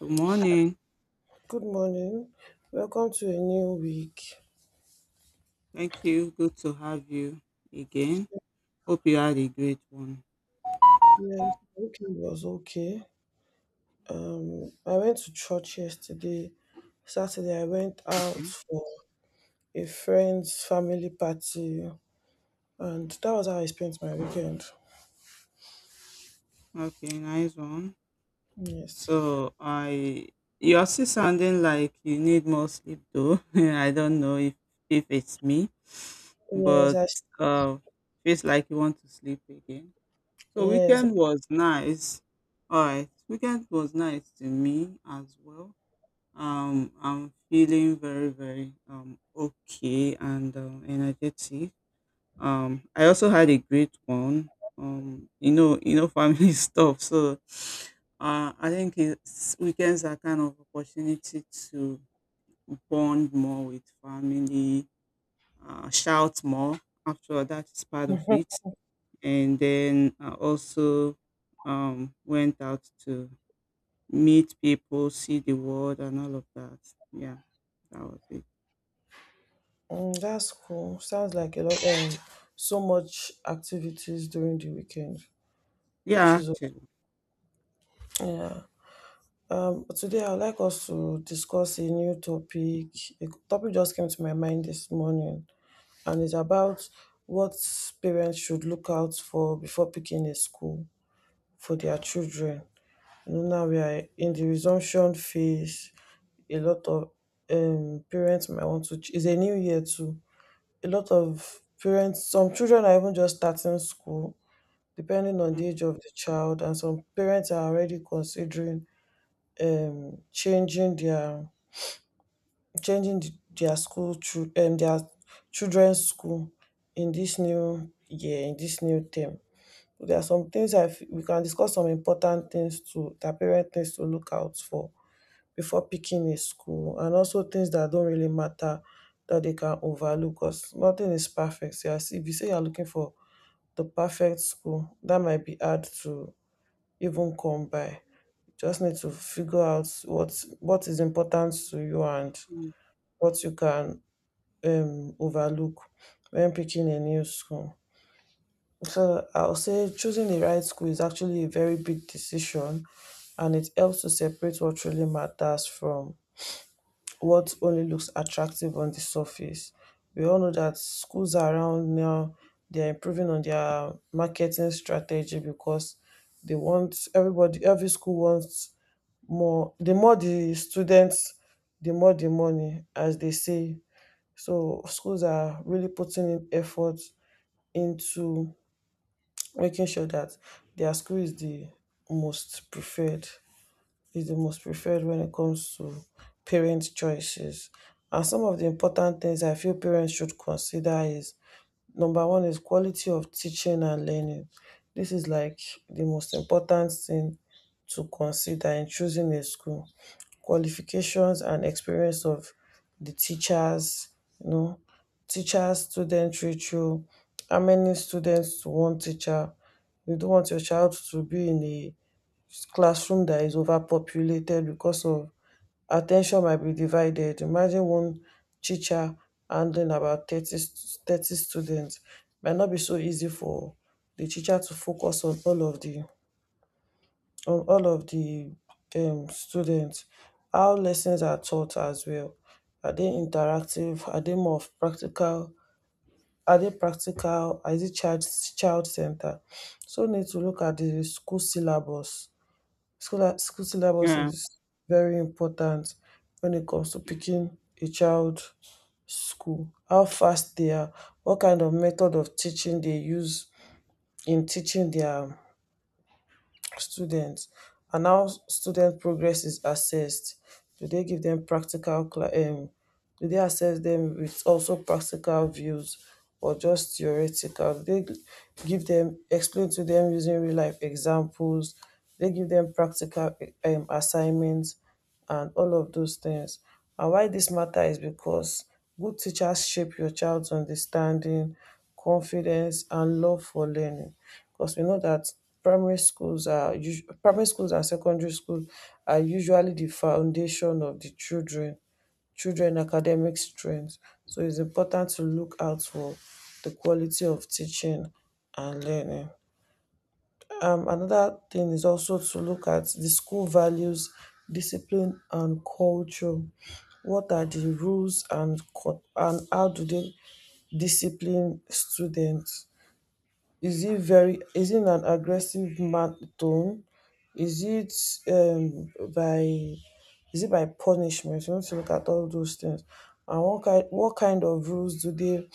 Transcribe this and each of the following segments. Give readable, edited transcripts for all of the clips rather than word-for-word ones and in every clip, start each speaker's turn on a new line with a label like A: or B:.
A: Good morning.
B: Good morning. Welcome to a new week.
A: Thank you. Good to have you again. Hope you had a great one.
B: Yes, weekend was okay. I went to church yesterday. Saturday, I went out
A: Okay.
B: for a friend's family party, and that was how I spent my weekend.
A: Okay, nice one.
B: Yes,
A: So I you're still sounding like you need more sleep though. I don't know if it's me,
B: yes,
A: but
B: I,
A: uh feels like you want to sleep again. So
B: yes.
A: weekend was nice. All right. Weekend was nice to me as well. I'm feeling very, very, okay and energetic. I also had a great one. Family stuff. So, weekends are kind of opportunity to bond more with family, shout more. After all, that is part of it. And then I also went out to meet people, see the world, and all of that. Yeah, that was it.
B: Mm, that's cool. Sounds like a lot. So much activities during the weekend, which
A: Yeah,
B: is okay.
A: actually.
B: Yeah. Today, I would like us to discuss a new topic. A topic just came to my mind this morning, and it's about what parents should look out for before picking a school for their children. You know, now we are in the resumption phase. A lot of parents might want to. It's a new year too. A lot of parents, some children are even just starting school, depending on
A: Mm,
B: the age of the child, and some parents are already considering changing their changing th- their school chil- their children's school in this new year, in this new term. There are some things we can discuss, some important things to that parent needs to look out for before picking a school, and also things that don't really matter, that they can overlook, because nothing is perfect. So as if you say you're looking for the perfect school, that might be hard to even come by. You just need to figure out what is important to you, and
A: mm,
B: what you can overlook when picking a new school. So I'll say choosing the right school is actually a very big decision, and it helps to separate what really matters from what only looks attractive on the surface. We all know that schools around now, they're improving on their marketing strategy, because they want everybody. Every school wants more, the more the students, the more the money, as they say. So schools are really putting in effort into making sure that their school is the most preferred, is the most preferred when it comes to parents' choices. And some of the important things I feel parents should consider is number one is quality of teaching and learning. This is like the most important thing to consider in choosing a school. Qualifications and experience of the teachers, you know, teacher-student ratio, how many students to one teacher. You don't want your child to be in a classroom that is overpopulated, because of attention might be divided. Imagine one teacher handling about 30 students. Might not be so easy for the teacher to focus on all of the on all of the students, how lessons are taught as well. Are they interactive? Are they more of practical? Are they practical? Is it child center? So we need to look at the school syllabus. School syllabus
A: Yeah.
B: is very important when it comes to picking a child school. How fast they are, what kind of method of teaching they use in teaching their students, and how student progress is assessed. Do they give them do they assess them with also practical views, or just theoretical? Do they give them, explain to them using real life examples? Do they give them practical assignments and all of those things. And why this matter is because good teachers shape your child's understanding, confidence, and love for learning. Because we know that primary schools and secondary schools are usually the foundation of the children academic strength. So it's important to look out for the quality of teaching and learning. Another thing is also to look at the school values, discipline, and culture. What are the rules and how do they discipline students? Is it an aggressive tone? Is it um, by is it by punishment? You want to look at all those things. And what kind of rules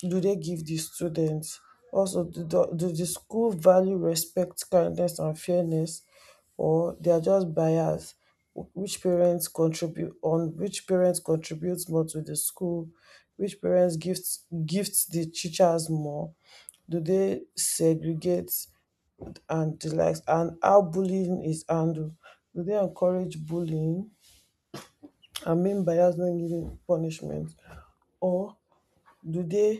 B: do they give the students? Also, do the school value respect, kindness, and fairness, or they are just biased? Which parents contributes more to the school? Which parents gifts the teachers more? Do they segregate and the likes? And how bullying is handled? Do they encourage bullying? I mean bias when giving punishment, or do they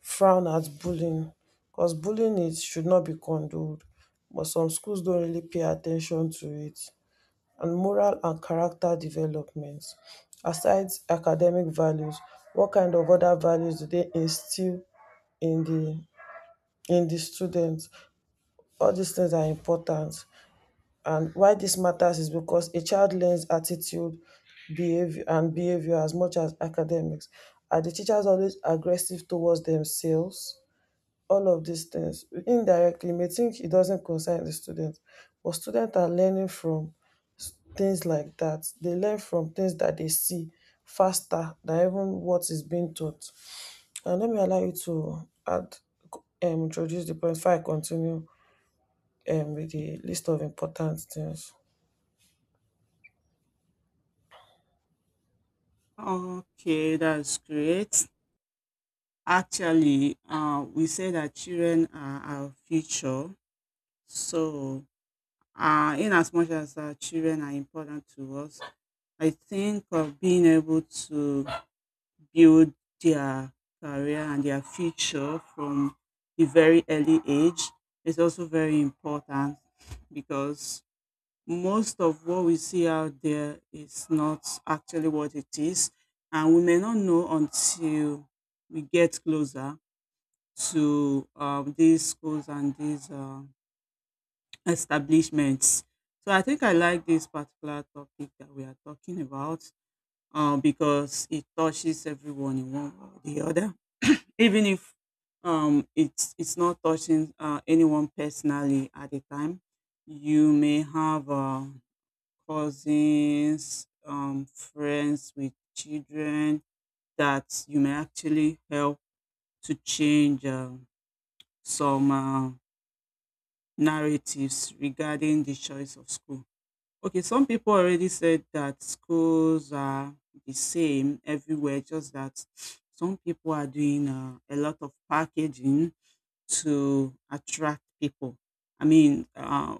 B: frown at bullying? Because bullying is should not be condoned, but some schools don't really pay attention to it. And moral and character development. Aside academic values, what kind of other values do they instill in the in the students? All these things are important. And why this matters is because a child learns attitude, behavior as much as academics. Are the teachers always aggressive towards themselves? All of these things indirectly, may think it doesn't concern the student, but students are learning from things like that. They learn from things that they see faster than even what is being taught. And let me allow you to add, introduce the point before I continue with the list of important things.
A: Okay, that's great. Actually, we say that children are our future. So, in as much as our children are important to us, I think of being able to build their career and their future from a very early age is also very important because most of what we see out there is not actually what it is, and we may not know until we get closer to these schools and these establishments. So I think I like this particular topic that we are talking about, because it touches everyone in one way or the other, even if it's not touching anyone personally at the time. You may have cousins, friends with children that you may actually help to change some narratives regarding the choice of school. Okay, some people already said that schools are the same everywhere, just that some people are doing a lot of packaging to attract people. I mean,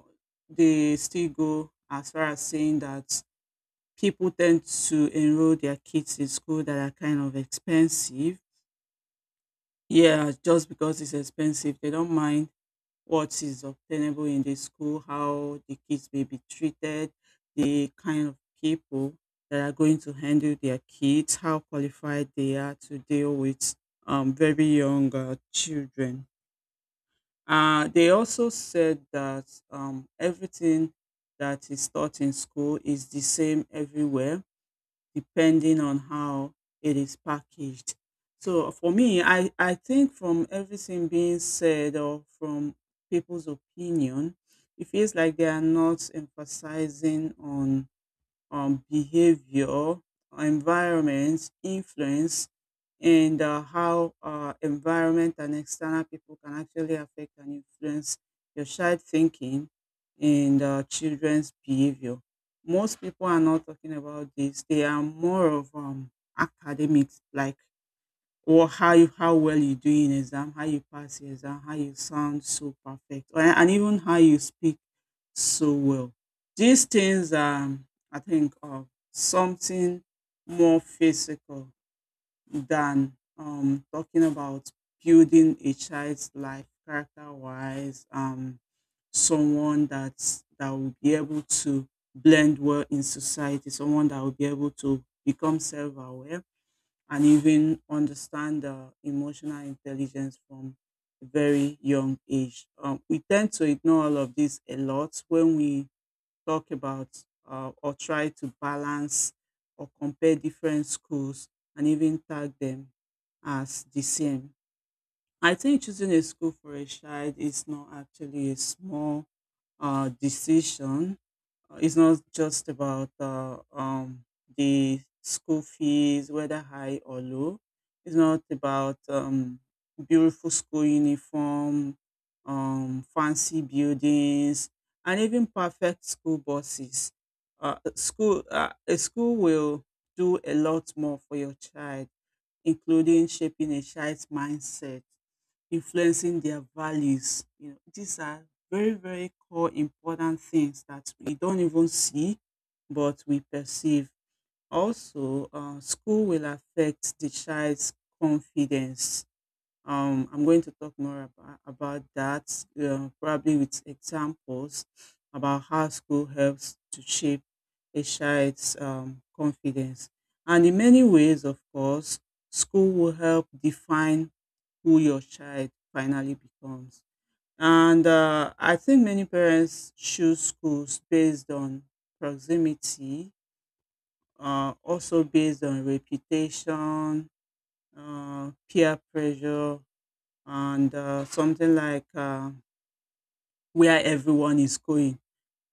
A: they still go as far as saying that people tend to enroll their kids in school that are kind of expensive. Yeah, just because it's expensive, they don't mind what is obtainable in the school, how the kids may be treated, the kind of people that are going to handle their kids, how qualified they are to deal with very young children. They also said that everything that is taught in school is the same everywhere depending on how it is packaged. So for me, I think from everything being said or from people's opinion, it feels like they are not emphasizing on behavior, environments, influence, and how environment and external people can actually affect and influence your child thinking and children's behavior. Most people are not talking about this. They are more of academics, like how well you do in exam, how you pass your exam, how you sound so perfect, or, and even how you speak so well. These things are, I think, of something more physical than talking about building a child's life character-wise. Someone that will be able to blend well in society, someone that will be able to become self-aware and even understand the emotional intelligence from a very young age. We tend to ignore all of this a lot when we talk about or try to balance or compare different schools and even tag them as the same. I think choosing a school for a child is not actually a small decision. It's not just about the school fees, whether high or low. It's not about beautiful school uniform, fancy buildings, and even perfect school buses. School a school will do a lot more for your child, including shaping a child's mindset, influencing their values. You know, these are very, very core important things that we don't even see, but we perceive. Also, school will affect the child's confidence. I'm going to talk more about that, probably with examples about how school helps to shape a child's confidence. And in many ways, of course, school will help define who your child finally becomes. And I think many parents choose schools based on proximity, also based on reputation, peer pressure, and something like where everyone is going.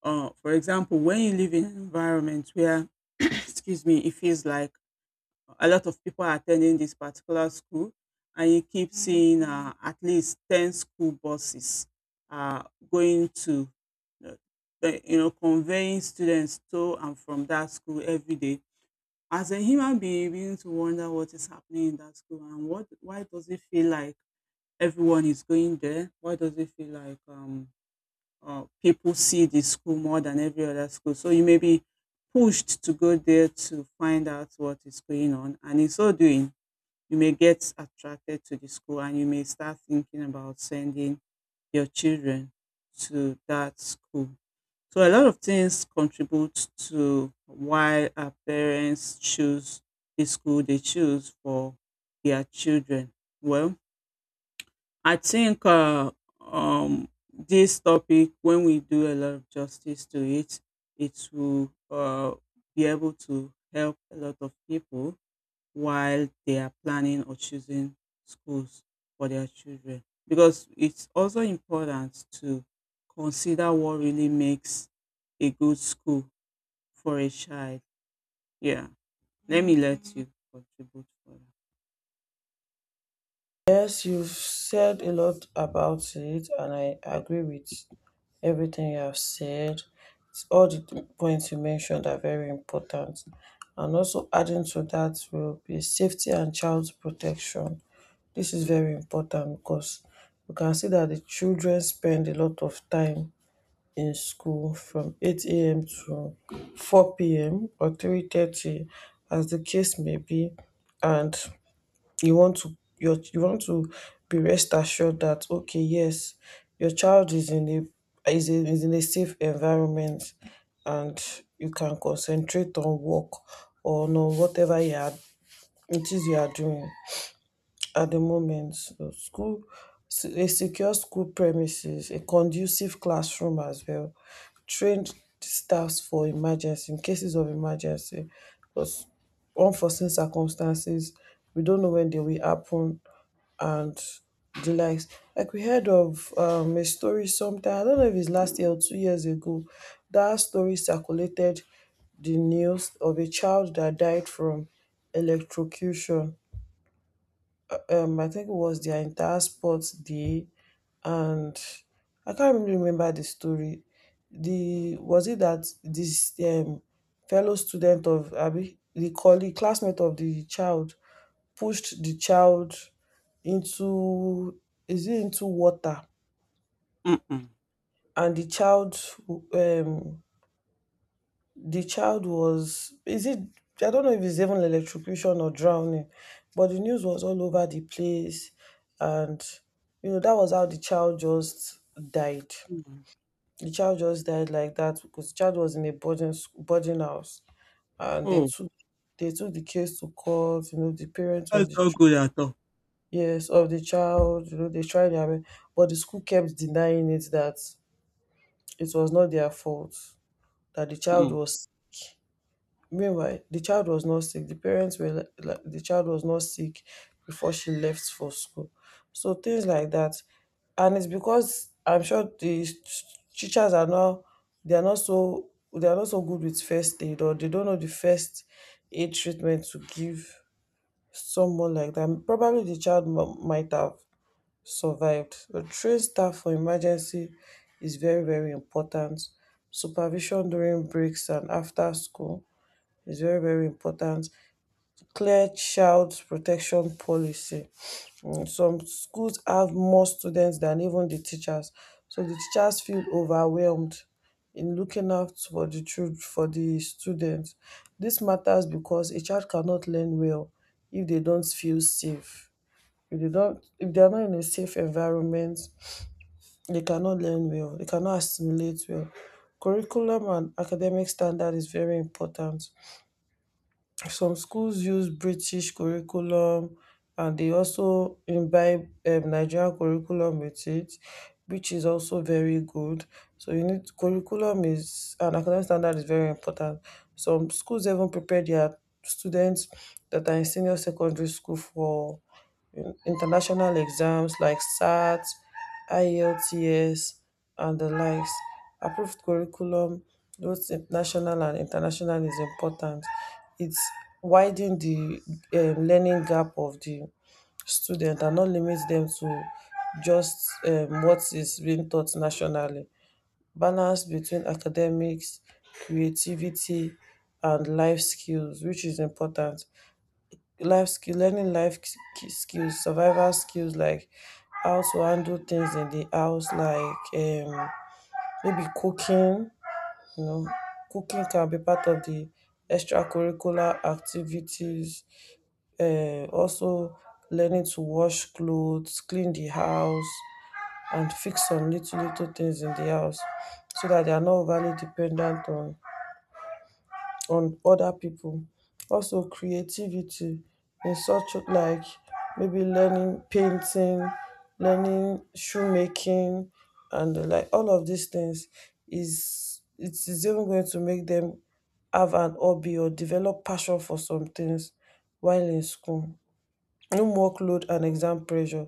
A: For example, when you live in an environment where, excuse me, it feels like a lot of people are attending this particular school and you keep seeing at least 10 school buses uh, going to uh, you know, conveying students to and from that school every day. As a human being, you begin to wonder what is happening in that school, and what, why does it feel like everyone is going there, why does it feel like people see this school more than every other school. So you may be pushed to go there to find out what is going on, and in so doing you may get attracted to the school and you may start thinking about sending your children to that school. So a lot of things contribute to why our parents choose the school they choose for their children. Well, I think this topic, when we do a lot of justice to it, it will be able to help a lot of people while they are planning or choosing schools for their children, because it's also important to consider what really makes a good school for a child. Yeah, let me let Mm, you contribute for
B: Yes, you've said a lot about it, and I agree with everything you have said. It's All the points you mentioned are very important. And also, adding to that will be safety and child protection. This is very important because we can see that the children spend a lot of time in school from 8 a.m. to 4 p.m. or 3:30, as the case may be, and you want to be rest assured that okay, yes, your child is in a is in a safe environment, and you can concentrate on work or no, whatever you are, it is you are doing at the moment. So school, a secure school premises, a conducive classroom as well, trained staffs for emergency, in cases of emergency, because unforeseen circumstances, we don't know when they will happen, and the likes. Like we heard of a story sometime, I don't know if it's last year or 2 years ago, that story circulated the news of a child that died from electrocution. I think it was their entire sports day, and I can't really remember the story. The was it that this fellow student of Abi, the colleague classmate of the child, pushed the child into, is it into water,
A: that. Mm-mm.
B: and um the child was, is it, I don't know if it's even electrocution or drowning, but the news was all over the place. And you know, that was how the child just died.
A: Mm.
B: The child just died like that, because the child was in a boarding house, and they
A: Oh,
B: took, they took the case to court. You know, the parents
A: that's
B: of the,
A: not good at all.
B: yes, of the child, you know, they tried their best, but the school kept denying it, that it was not their fault, that the child
A: Mm.
B: was, meanwhile, the child was not sick. The parents were, like, the child was not sick before she left for school. So things like that. And it's because I'm sure teachers are now, they are not so good with first aid, or they don't know the first aid treatment to give someone like that. Probably the child might have survived. A trained staff for emergency is very, very important. Supervision during breaks and after school is very, very important. Clear child protection policy. Mm, some schools have more students than even the teachers. So the teachers feel overwhelmed in looking out for the children, for the students. This matters because a child cannot learn well if they don't feel safe. If they are not in a safe environment, they cannot learn well, they cannot assimilate well. Curriculum and academic standard is very important. Some schools use British curriculum, and they also imbibe Nigerian curriculum with it, which is also very good. So you need curriculum is and academic standard is very important. Some schools even prepare their students that are in senior secondary school for international exams like SAT, IELTS, and the likes. Approved curriculum, both national and international, is important. It's widen the learning gap of the student and not limit them to just what is being taught nationally. Balance between academics, creativity, and life skills, which is important. Life skill, learning life s- ki- skills survival skills, like how to handle things in the house, like maybe cooking, you know. Cooking can be part of the extracurricular activities. Also, learning to wash clothes, clean the house, and fix some little little things in the house, so that they are not overly dependent on other people. Also creativity in such, like maybe learning painting, learning shoemaking, and the like. All of these things is, it is even going to make them have an hobby or develop passion for some things while in school. No workload and exam pressure.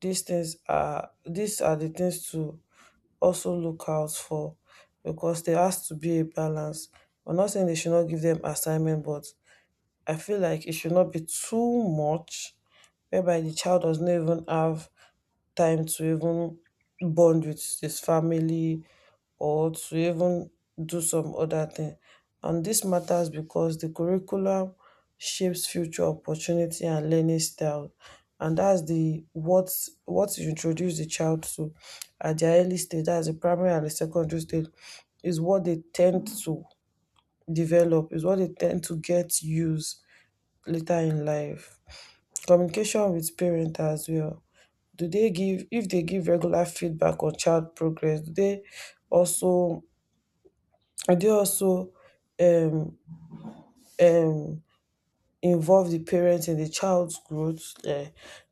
B: These things are these are the things to also look out for because there has to be a balance. I'm not saying they should not give them assignment, but I feel like it should not be too much whereby the child does not even have time to even bond with his family or to even do some other thing. And this matters because the curriculum shapes future opportunity and learning style. And that's the what you introduce the child to at the early stage, that's the primary and the secondary stage, is what they tend to develop, is what they tend to get used later in life. Communication with parent as well. Do they give if they give regular feedback on child progress, also do they also um um involve the parents in the child's growth,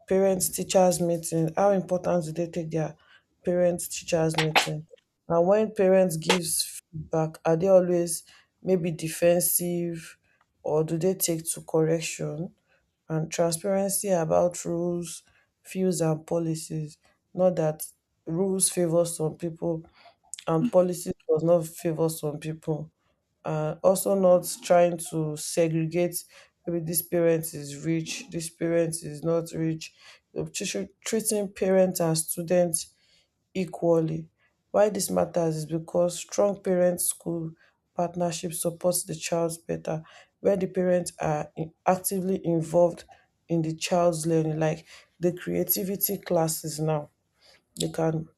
B: parents teachers meeting, how important do they take their parents teachers meeting? And when parents gives feedback, are they always maybe defensive or do they take to correction? And transparency about rules, views and policies. Not that rules favor some people and policies does not favor some people and also not trying to segregate maybe this parent is rich, this parent is not rich, treating parents and students equally. Why this matters is because strong parent school partnership supports the child better where the parents are in- actively involved in the child's learning, like the creativity classes now, they can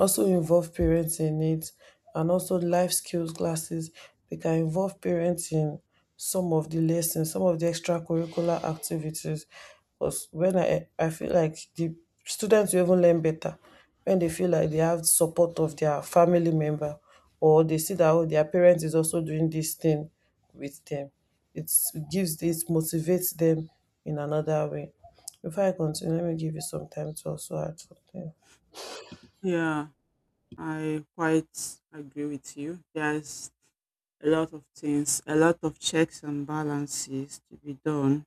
B: also involve parents in it, and also life skills classes, they can involve parents in some of the lessons, some of the extracurricular activities. Because when I feel like the students will even learn better when they feel like they have support of their family member, or they see that, oh, their parents is also doing this thing with them. It's, it gives, this motivates them in another way. Before I continue, let me give you some time to also add something.
A: Yeah, I quite agree with you. There's a lot of things, a lot of checks and balances to be done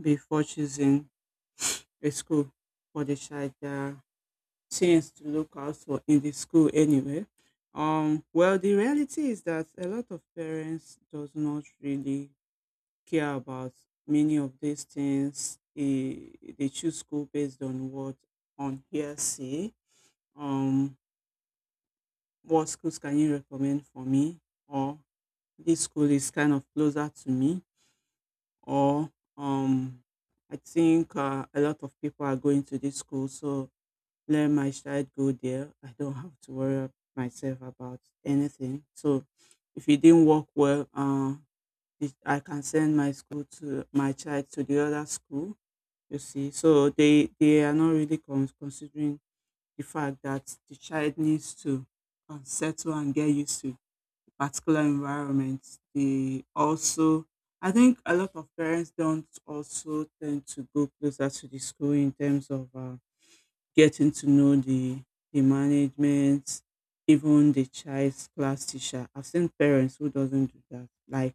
A: before choosing a school for the child. There are to look out for in the school anyway. Well, the reality is that a lot of parents does not really care about many of these things. They choose school based on what, on hearsay. Um, what schools can you recommend for me? Or this school is kind of closer to me. Or um, I think a lot of people are going to this school, so let my child go there. I don't have to worry myself about anything. So if it didn't work well, I can send my school to my child to the other school. You see, so they are not really con- considering the fact that the child needs to settle and get used to the particular environment. They also, I think, a lot of parents don't also tend to go closer to the school in terms of getting to know the management, even the child's class teacher. I've seen parents who doesn't do that. Like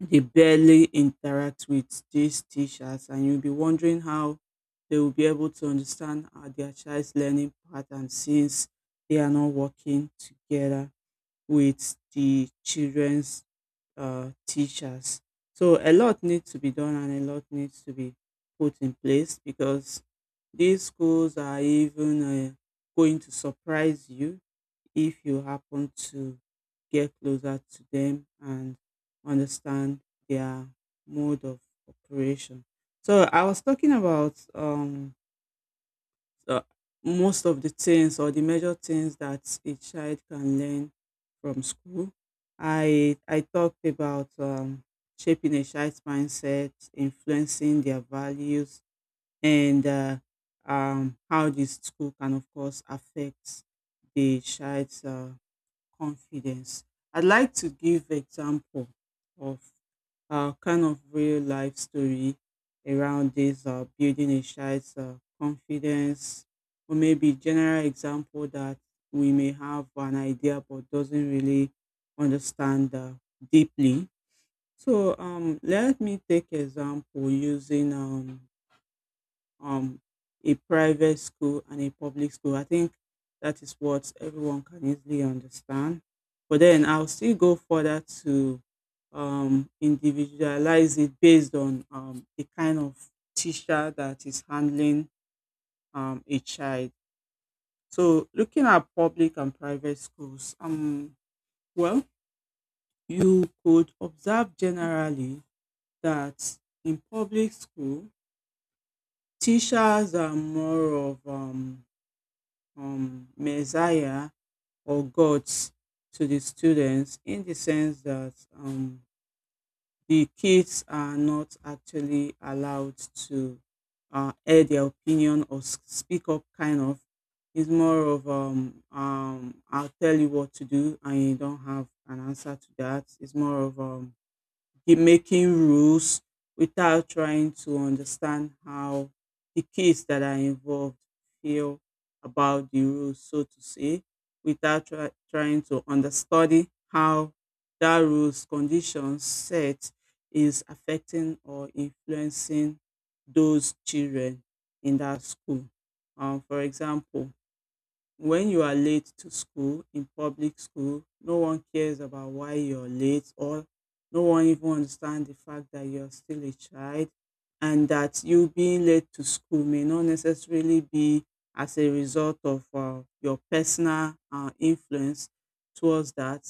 A: they barely interact with these teachers, and you'll be wondering how they will be able to understand their child's learning pattern since they are not working together with the children's teachers. So a lot needs to be done and a lot needs to be put in place because these schools are even going to surprise you if you happen to get closer to them and understand their mode of operation. So I was talking about uh, most of the things or the major things that a child can learn from school. I talked about shaping a child's mindset, influencing their values, and how the school can, of course, affect the child's confidence. I'd like to give example of kind of real life story around this building a child's confidence, or maybe general example that we may have an idea but doesn't really understand deeply. So let me take example using um, a private school and a public school. I think that is what everyone can easily understand. But then I'll still go further to individualize it based on the kind of teacher that is handling a child. So looking at public and private schools, well, you could observe generally that in public school, teachers are more of Messiah or gods to the students, in the sense that the kids are not actually allowed to air their opinion or s- speak up, kind of. It's more of I'll tell you what to do, and you don't have an answer to that. It's more of be making rules without trying to understand how the kids that are involved feel about the rules, so to say, without try- trying to understudy how that rules condition set is affecting or influencing those children in that school. For example, when you are late to school in public school, no one cares about why you're late or no one even understand the fact that you're still a child, and that you being late to school may not necessarily be as a result of your personal influence towards that,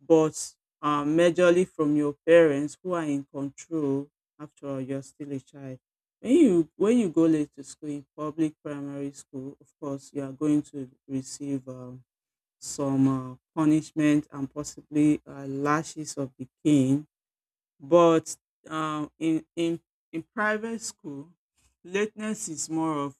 A: but majorly from your parents who are in control. After all, you're still a child. When you go late to school in public primary school, of course, you are going to receive some punishment and possibly lashes of the cane, but um, in in in private school, lateness is more of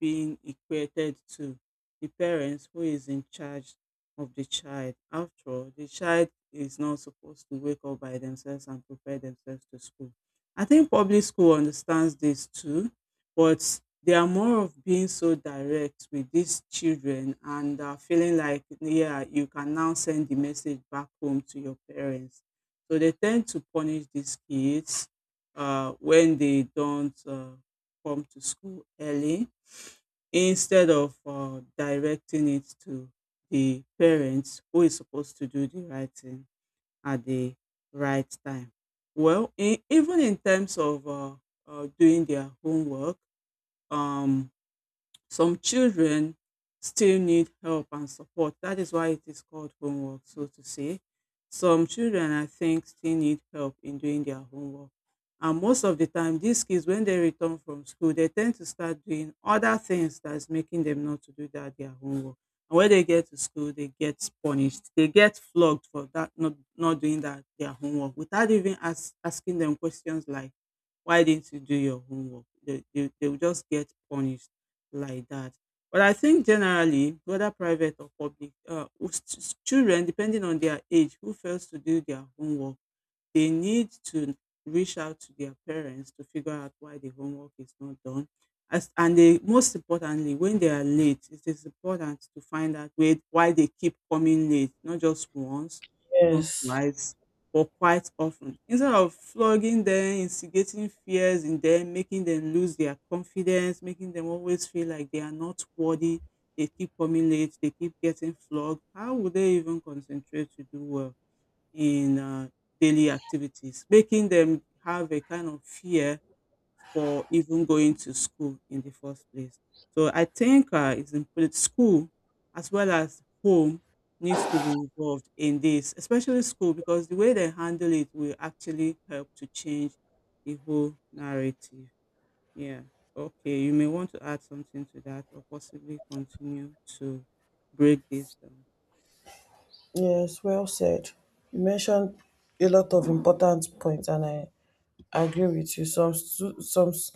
A: being equated to the parents who is in charge of the child. After all, the child is not supposed to wake up by themselves and prepare themselves to school. I think public school understands this too, but they are more of being so direct with these children and feeling like, yeah, you can now send the message back home to your parents, so they tend to punish these kids when they don't come to school early instead of directing it to the parents who is supposed to do the right thing at the right time. Well, even in terms of doing their homework, um, some children still need help and support. That is why it is called homework, so to say. Some children, I think, still need help in doing their homework. And most of the time, these kids, when they return from school, they tend to start doing other things that's making them not to do that their homework. And when they get to school, they get punished. They get flogged for that not doing that their homework without even asking them questions like why didn't you do your homework? They will just get punished like that. But I think generally, whether private or public, children, depending on their age, who fails to do their homework, they need to reach out to their parents to figure out why the homework is not done. Most importantly, when they are late, it is important to find out why they keep coming late, not just once, not
B: Yes.
A: twice, but quite often. Instead of flogging them, instigating fears in them, making them lose their confidence, making them always feel like they are not worthy, they keep coming late, they keep getting flogged, how would they even concentrate to do well in daily activities, making them have a kind of fear for even going to school in the first place? So I think it's important school as well as home needs to be involved in this, especially school, because the way they handle it will actually help to change the whole narrative. Yeah. Okay, you may want to add something to that or possibly continue to break this down.
B: Yes, well said. You mentioned a lot of important points, and I agree with you. Some stu- some s-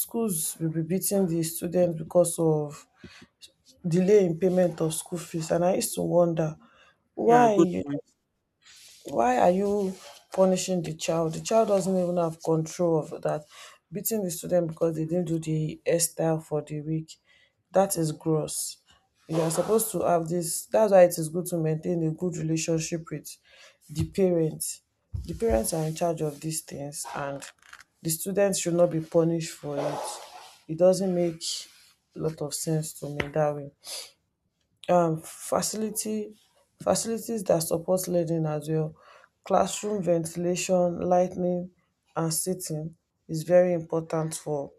B: schools will be beating the students because of delay in payment of school fees, and I used to wonder
A: Yeah,
B: why
A: good point.
B: why are you punishing the child? The child doesn't even have control of that. Beating the student because they didn't do the hairstyle for the week, that is gross. You are supposed to have this. That's why it is good to maintain a good relationship with the parents. The parents are in charge of these things, and the students should not be punished for it. It doesn't make a lot of sense to me that way. Facility Facilities that support learning as well. Classroom ventilation, lightning and seating is very important for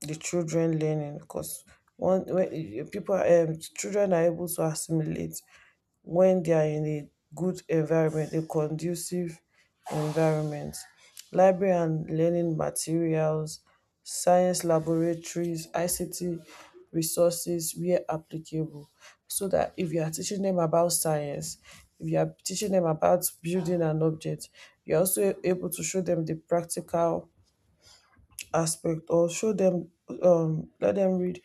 B: the children learning, because one when pipu are children are able to assimilate when they are in a good environment, a conducive environment. Library and learning materials, science laboratories, ICT resources where applicable. So that if you are teaching them about science, if you are teaching them about building an object, you're also able to show them the practical aspect, or show them, let them read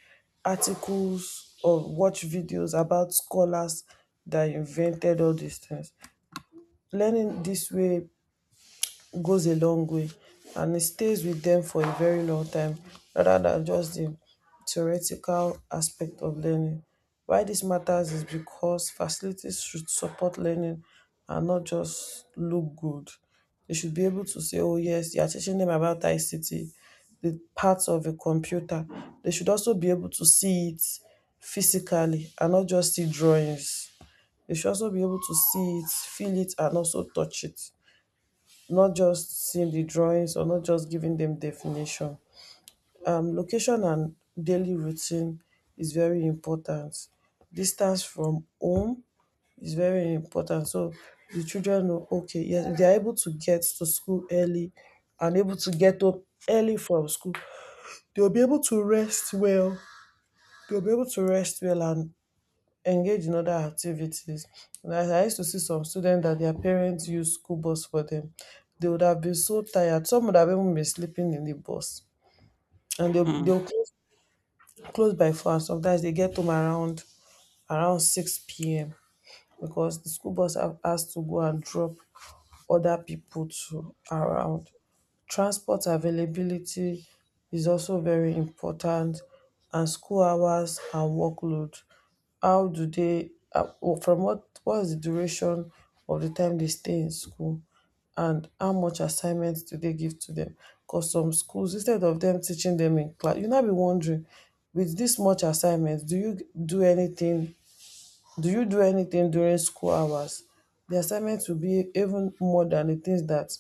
B: articles or watch videos about scholars that invented all these things. Learning this way goes a long way, and it stays with them for a very long time, rather than just the theoretical aspect of learning. Why this matters is because facilities should support learning and not just look good. They should be able to say, oh, yes, you are teaching them about ICT, the parts of a computer. They should also be able to see it physically and not just see drawings. They should also be able to see it, feel it, and also touch it, not just seeing the drawings or not just giving them definition. Location and daily routine is very important. Distance from home is very important. So the children know, okay, yes, they are able to get to school early, and able to get up early from school, they'll be able to rest well. They'll be able to rest well and engage in other activities. And I used to see some students that their parents used school bus for them. They would have been so tired. Some would have even been sleeping in the bus. And they'll,
A: Mm.
B: they'll close, close by four. And sometimes they get home around around 6 p.m. because the school bus have- has to go and drop other people to around. Transport availability is also very important, and school hours and workload. How do they, well, from what is the duration of the time they stay in school, and how much assignments do they give to them? Because some schools, instead of them teaching them in class, you now be wondering, with this much assignments, do anything do you do anything during school hours? The assignments will be even more than the things that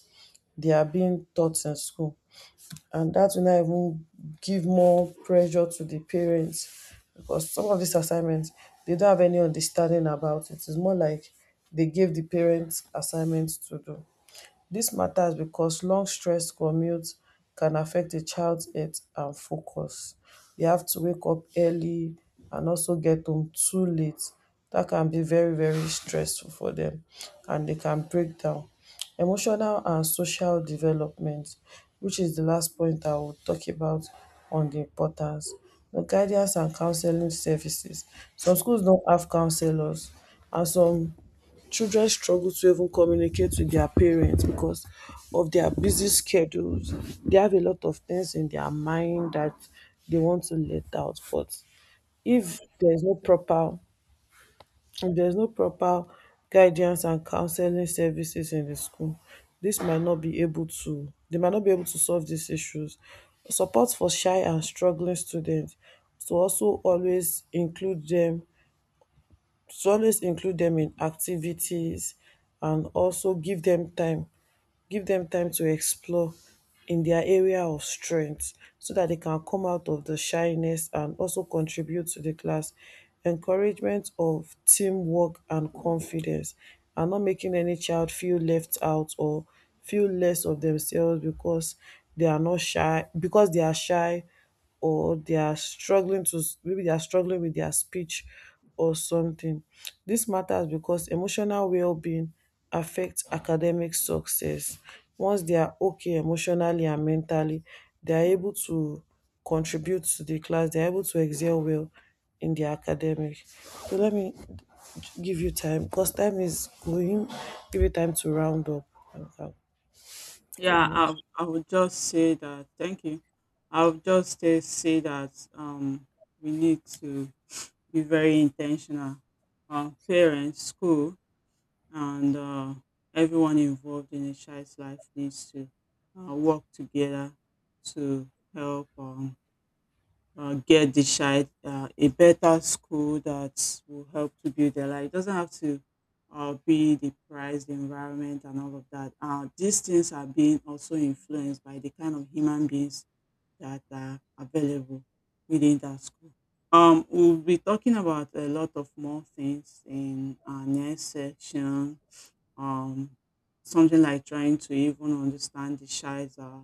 B: they are being taught in school. And that will now even give more pressure to the parents, because some of these assignments they don't have any understanding about it. It's more like they gave the parents assignments to do. This matters because long stressed commutes can affect a child's health and focus. They have to wake up early and also get home too late. That can be very very stressful for them, and they can break down. Emotional and social development, which is the last point I will talk about on the importance. The guidance and counseling services. Some schools don't have counselors, and some children struggle to even communicate with their parents because of their busy schedules. They have a lot of things in their mind that they want to let out. But if there's no proper if there's no proper guidance and counseling services in the school, this might not be able to they might not be able to solve these issues. Support for shy and struggling students, to also always include them, so always include them in activities, and also give them time to explore in their area of strength, so that they can come out of the shyness and also contribute to the class. Encouragement of teamwork and confidence, and not making any child feel left out or feel less of themselves because they are not shy because they are shy, or they are struggling with their speech or something. This matters because emotional well-being affects academic success. Once they are okay emotionally and mentally, they are able to contribute to the class, they are able to excel well in the academic. So let me give you time, because time is going, give you time to round up and come to the
A: Yeah, I
B: next.
A: I would just say that thank you. I would just say that we need to be very intentional. Parents, school, and everyone involved in a child's life needs to work together to help get the child a better school that will help to build their life. It doesn't have to be the price, the environment, and all of that. These things are being also influenced by the kind of human beings that are available within that school. We'll be talking about a lot of more things in our next section, um, something like trying to even understand the child's uh,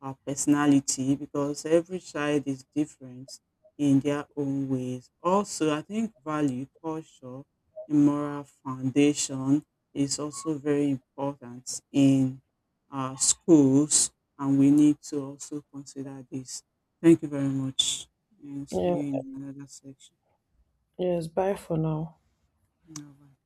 A: uh, personality, because every child is different in their own ways. Also, I think value, culture, and moral foundation is also very important in schools, and we need to also consider this. Thank you very much, and see
B: Yeah,
A: you in another section.
B: yes, bye for now.
A: Bye.